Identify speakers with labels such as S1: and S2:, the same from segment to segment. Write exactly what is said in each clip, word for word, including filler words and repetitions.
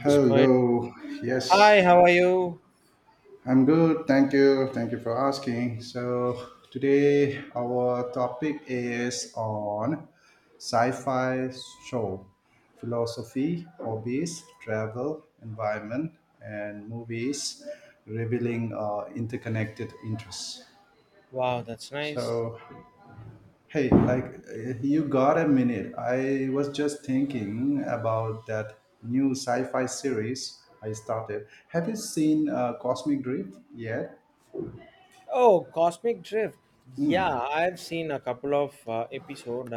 S1: It's quite. Hi,
S2: Yes,
S1: how are you?
S2: I'm good. Thank you. Thank you for asking. So, today our topic is on sci fi show, philosophy, hobbies, travel, environment, and movies revealing uh, interconnected interests.
S1: Wow, that's nice.
S2: So, hey, like, uh, you got a minute? I was just thinking about that new sci-fi series I started. Have you seen, uh, Cosmic Drift yet?
S1: Oh, Cosmic Drift. Yeah, I've seen a couple of uh, episode.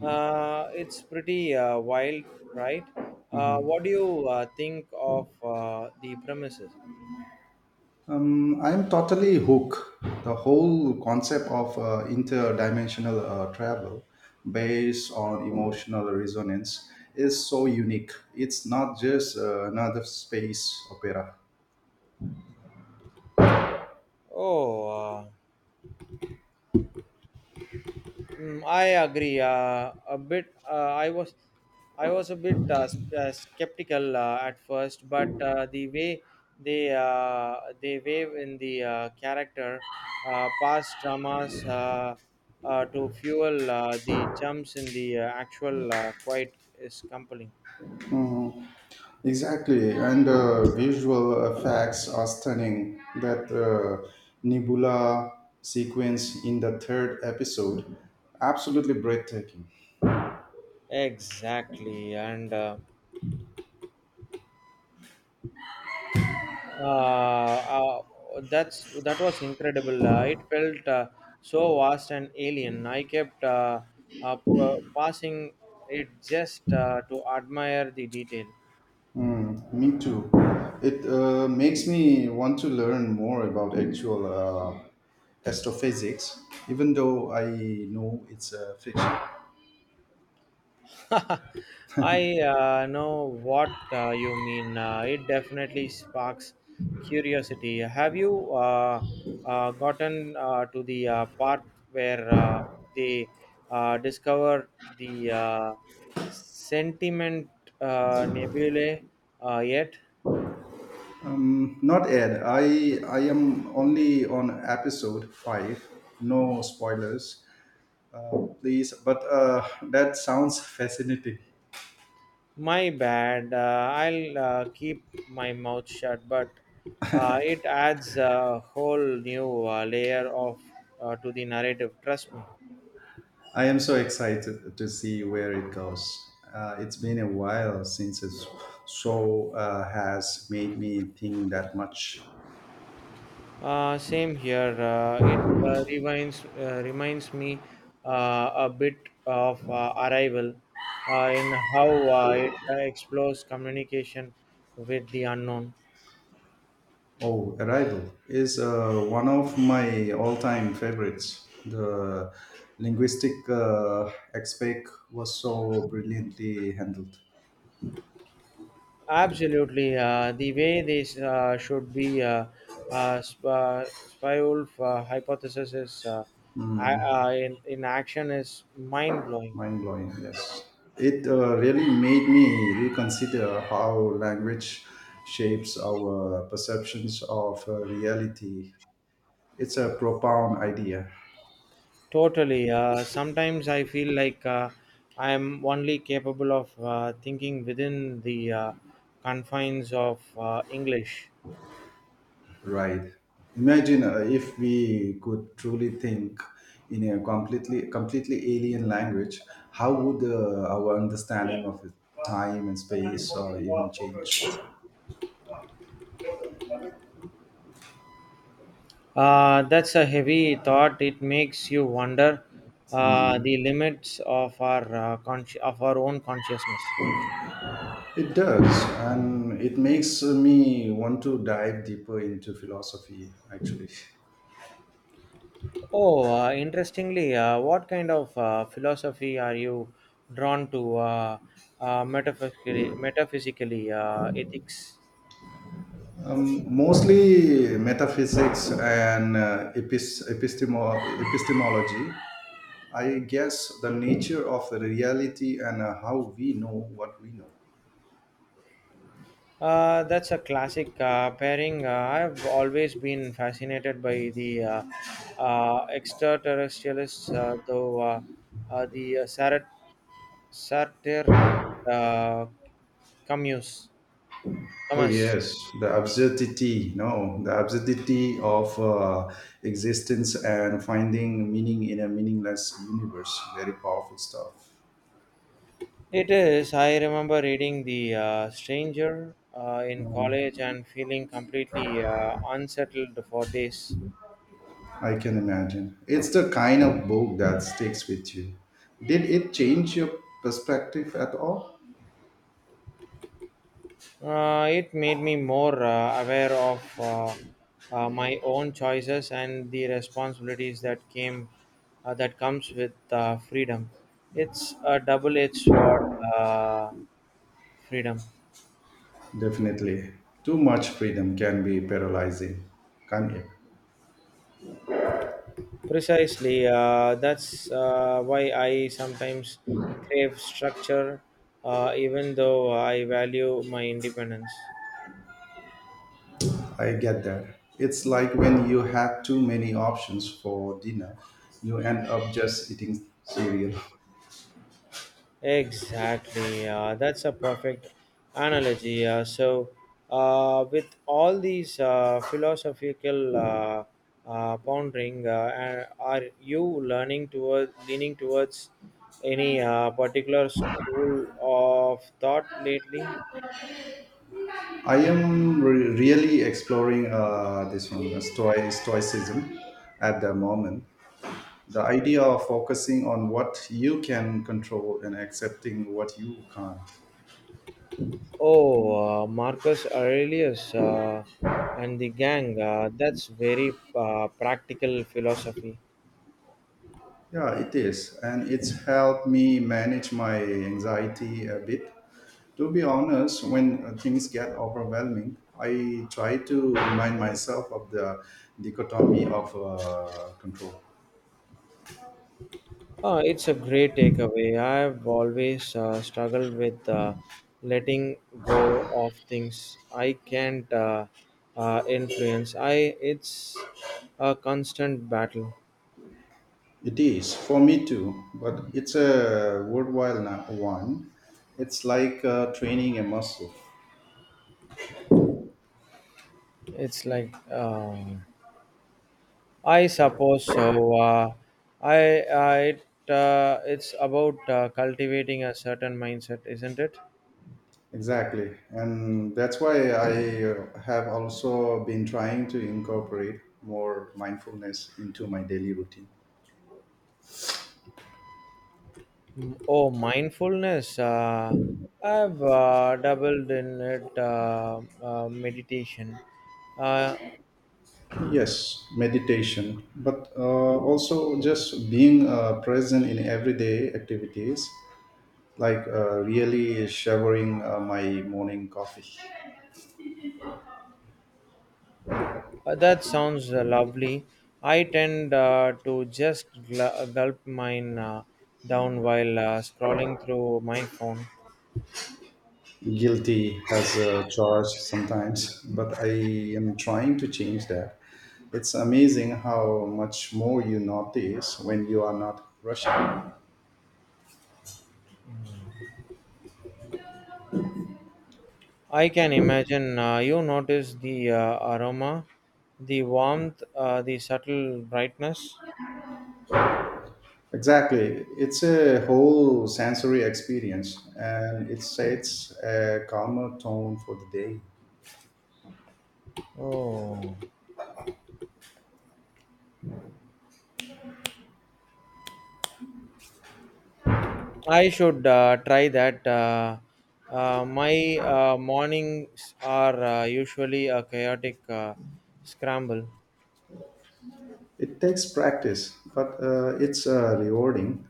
S1: Uh, it's pretty uh, wild, right? Uh, what do you uh, think of uh, the premises?
S2: Um, I'm totally hooked. The whole concept of uh, interdimensional uh, travel based on emotional resonance is so unique. It's not just uh, another space opera.
S1: Oh, uh, Mm, I agree. Uh, a bit. Uh, I was, I was a bit uh, s- uh, skeptical uh, at first, but uh, the way they uh, they wave in the uh, character, uh, past dramas uh, uh, to fuel uh, the jumps in the uh, actual uh, quite is compelling.
S2: Exactly, and uh, visual effects are stunning. That uh, nebula sequence in the third episode, absolutely breathtaking.
S1: Exactly, and. Uh, uh, uh, that's that was incredible. Uh, it felt uh, so vast and alien. I kept uh, uh, p- uh, passing it just uh, to admire the detail.
S2: Hmm, me too. It uh, makes me want to learn more about actual uh, astrophysics, even though I know it's a fiction.
S1: I uh, know what uh, you mean. Uh, it definitely sparks curiosity. Have you uh, uh, gotten uh, to the uh, part where uh, they uh, discover the uh, sentiment uh, nebulae uh, yet?
S2: Um, not Ed. I I am only on episode five. No spoilers, Uh, please, but uh, that sounds fascinating.
S1: My bad. Uh, I'll uh, keep my mouth shut, but uh, it adds a whole new uh, layer of uh, to the narrative. Trust me.
S2: I am so excited to see where it goes. Uh, it's been a while since a s- show uh, has made me think that much.
S1: Uh, same here. Uh, it uh, reminds uh, reminds me uh, a bit of uh, Arrival uh, in how uh, it uh, explores communication with the unknown.
S2: Oh, Arrival is uh, one of my all time favorites. The linguistic uh, aspect was so brilliantly handled.
S1: Absolutely, uh, the way this uh, should be uh, uh, sp- uh, Spyulf uh, hypothesis is uh, I, uh, in in action is mind blowing.
S2: Mind blowing, yes. It uh, really made me reconsider how language shapes our perceptions of uh, reality. It's a profound idea,
S1: Totally. Uh, sometimes I feel like uh, I am only capable of uh, thinking within the uh, confines of uh, English.
S2: right? Imagine uh, if we could truly think in a completely completely alien language. How would uh, our understanding of time and space uh, even change?
S1: Uh, that's a heavy thought. It makes you wonder uh, the limits of our uh, consci- of our own consciousness.
S2: It does, and it makes me want to dive deeper into philosophy, actually.
S1: Oh, uh, interestingly, uh, what kind of uh, philosophy are you drawn to uh, uh, metaphysically, metaphysically uh, ethics?
S2: Um, mostly metaphysics and uh, epis- epistemo- epistemology. I guess the nature of the reality and uh, how we know what we know.
S1: Uh, that's a classic uh, pairing. Uh, I've always been fascinated by the uh, uh, extraterrestrials, uh, though uh, uh, the uh, Sar- Saturn uh, Camus.
S2: Oh
S1: Camus.
S2: yes, the absurdity, no, the absurdity of uh, existence and finding meaning in a meaningless universe. Very powerful stuff.
S1: It is. I remember reading The uh, Stranger uh, in
S2: Um,
S1: college and feeling completely uh, unsettled for days.
S2: I can imagine. It's the kind of book that sticks with you. Did it change your perspective at all?
S1: Uh, it made me more uh, aware of uh, uh, my own choices and the responsibilities that came uh, that comes with uh, freedom. It's a double-edged sword, uh, freedom.
S2: Definitely. Too much freedom can be paralyzing, can't it?
S1: Precisely. Uh, that's uh, why I sometimes crave structure, uh, even though I value my independence.
S2: I get that. It's like when you have too many options for dinner, you end up just eating cereal.
S1: Exactly. Uh, that's a perfect analogy. Uh, so, uh, with all these uh, philosophical uh, uh, pondering, uh, a- are you learning toward leaning towards any uh, particular school of thought lately?
S2: I am re- really exploring uh, this one, uh, stoi- stoicism, at the moment. The idea of focusing on what you can control and accepting what you can't.
S1: Oh, uh, Marcus Aurelius uh, and the gang. Uh, that's very uh, practical philosophy.
S2: Yeah, it is. And it's helped me manage my anxiety a bit. To be honest, when uh, things get overwhelming, I try to remind myself of the dichotomy of uh, control.
S1: Uh, it's a great takeaway. I've always uh, struggled with uh, letting go of things I can't uh, uh, influence. I it's a constant battle.
S2: It is for me too, but it's a worthwhile na- one. It's like uh, training a muscle.
S1: It's like um I suppose so. Uh, I I it, uh, it's about uh, cultivating a certain mindset, isn't it?
S2: Exactly, and that's why I uh, have also been trying to incorporate more mindfulness into my daily routine.
S1: Mm, oh, mindfulness. Uh, I've uh, doubled in it, uh, uh, meditation. Uh,
S2: Yes, meditation, but uh, also just being uh, present in everyday activities, like uh, really savoring uh, my morning coffee.
S1: uh, that sounds uh, lovely. I tend uh, to just gl- gulp mine uh, down while uh, scrolling through my phone.
S2: Guilty as a charge sometimes, but I am trying to change that. It's amazing how much more you notice when you are not rushing.
S1: I can imagine uh, you notice the uh, aroma, the warmth, uh, the subtle brightness.
S2: Exactly, it's a whole sensory experience and it sets a calmer tone for the day.
S1: Oh. I should uh, try that. Uh, uh, my uh, mornings are uh, usually a chaotic uh, scramble.
S2: It takes practice, but uh, it's uh, rewarding.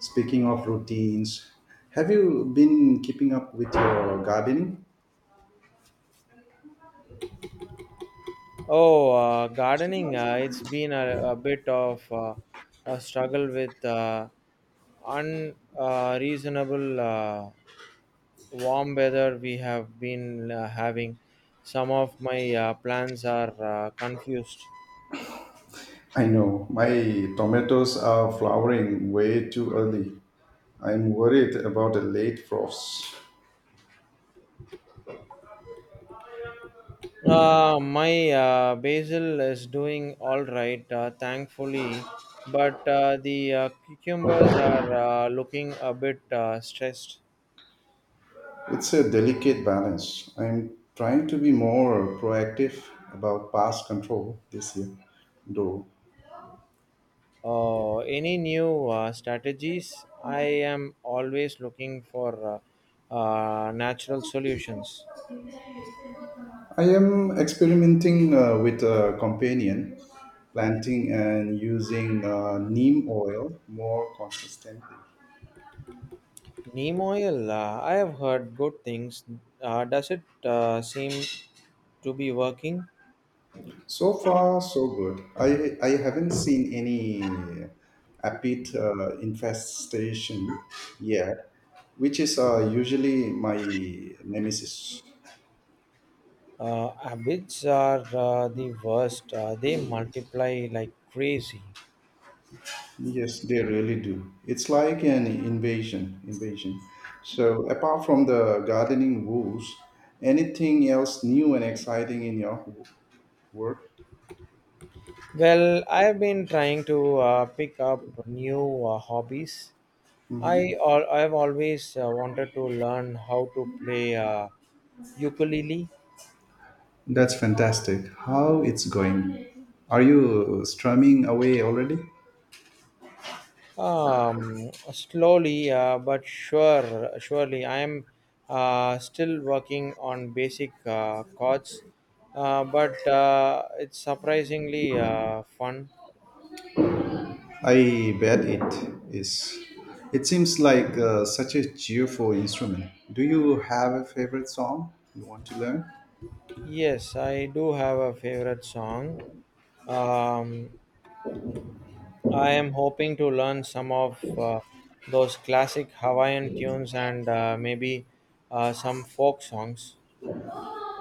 S2: Speaking of routines, have you been keeping up with your gardening?
S1: Oh, uh, gardening, uh, it's been a, a bit of uh, a struggle with uh, unreasonable uh, reasonable, uh, warm weather we have been uh, having. Some of my uh, plans are uh, confused.
S2: I know my tomatoes are flowering way too early. I'm worried about a late frost.
S1: Uh, my uh, basil is doing all right, uh, thankfully, but uh, the uh, cucumbers are uh, looking a bit uh, stressed.
S2: It's a delicate balance. I'm trying to be more proactive about pest control this year, though.
S1: Uh, any new uh, strategies? I am always looking for uh, uh, natural solutions.
S2: I am experimenting uh, with a companion planting and using uh, neem oil more consistently.
S1: Neem oil, uh, I have heard good things. Uh, does it uh, seem to be working?
S2: So far, so good. I, I haven't seen any apid uh, infestation yet, which is uh, usually my nemesis.
S1: Uh, abbots are uh, the worst. Uh, they multiply like crazy.
S2: Yes, they really do. It's like an invasion, invasion. So apart from the gardening rules, anything else new and exciting in your w- work?
S1: Well, I've been trying to uh, pick up new uh, hobbies. I al- I've always uh, wanted to learn how to play uh, ukulele.
S2: That's fantastic. How it's going? Are you strumming away already?
S1: Um, slowly uh, but sure, surely I'm uh, still working on basic uh, chords, uh, but uh, it's surprisingly uh, fun.
S2: I bet it is. It seems like uh, such a cheerful instrument. Do you have a favorite song you want to learn?
S1: Yes, I do have a favorite song. Um, I am hoping to learn some of uh, those classic Hawaiian tunes and uh, maybe uh, some folk songs.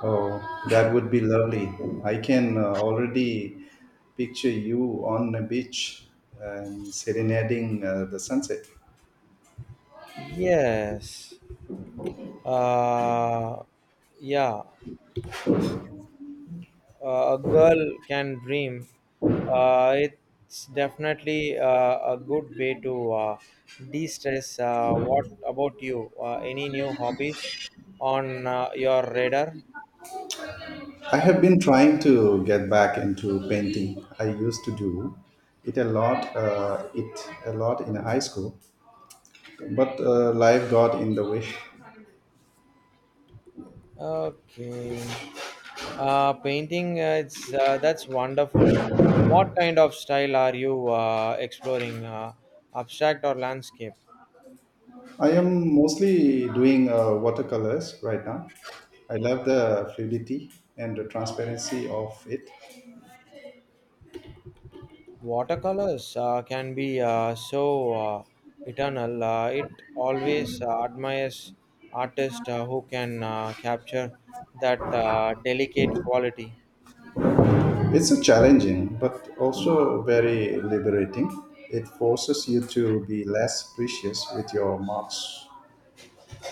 S2: Oh, that would be lovely. I can uh, already picture you on the beach and serenading uh, the sunset.
S1: Yes. Uh, yeah. Uh, a girl can dream. Uh, it's definitely uh, a good way to uh, de stress. Uh, what about you? Uh, any new hobbies on uh, your radar?
S2: I have been trying to get back into painting. I used to do it a lot, uh, it a lot in high school, but uh, life got in the way.
S1: Okay. Uh, painting, uh, it's uh, that's wonderful. What kind of style are you uh, exploring? Uh, abstract or landscape?
S2: I am mostly doing uh, watercolors right now. I love the fluidity and the transparency of it.
S1: Watercolors uh, can be uh, so uh, eternal. Uh, it always uh, admires artists uh, who can uh, capture that uh, delicate quality.
S2: It's a challenging, but also very liberating. It forces you to be less precious with your marks.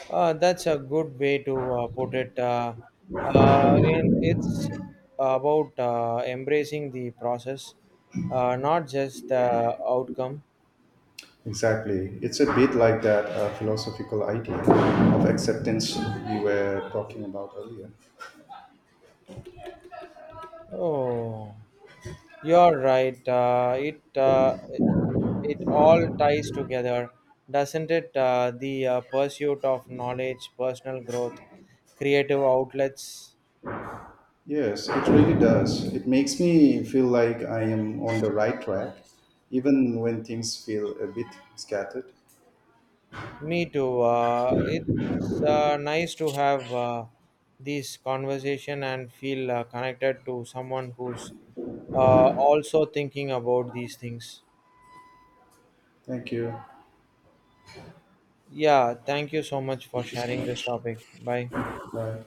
S1: Uh, that's a good way to uh, put it. Uh, uh, in, it's about uh, embracing the process, uh, not just the outcome.
S2: Exactly. It's a bit like that uh, philosophical idea of acceptance we were talking about earlier.
S1: Oh, you're right. Uh, it uh, it all ties together, doesn't it? Uh, the uh, pursuit of knowledge, personal growth, creative outlets.
S2: Yes, it really does. It makes me feel like I am on the right track, even when things feel a bit scattered.
S1: Me too. Uh, it's uh, nice to have uh, this conversation and feel uh, connected to someone who's uh, also thinking about these things.
S2: Thank you.
S1: Yeah, thank you so much for
S2: Thank you so
S1: sharing this
S2: much.
S1: topic. Bye.
S2: Bye.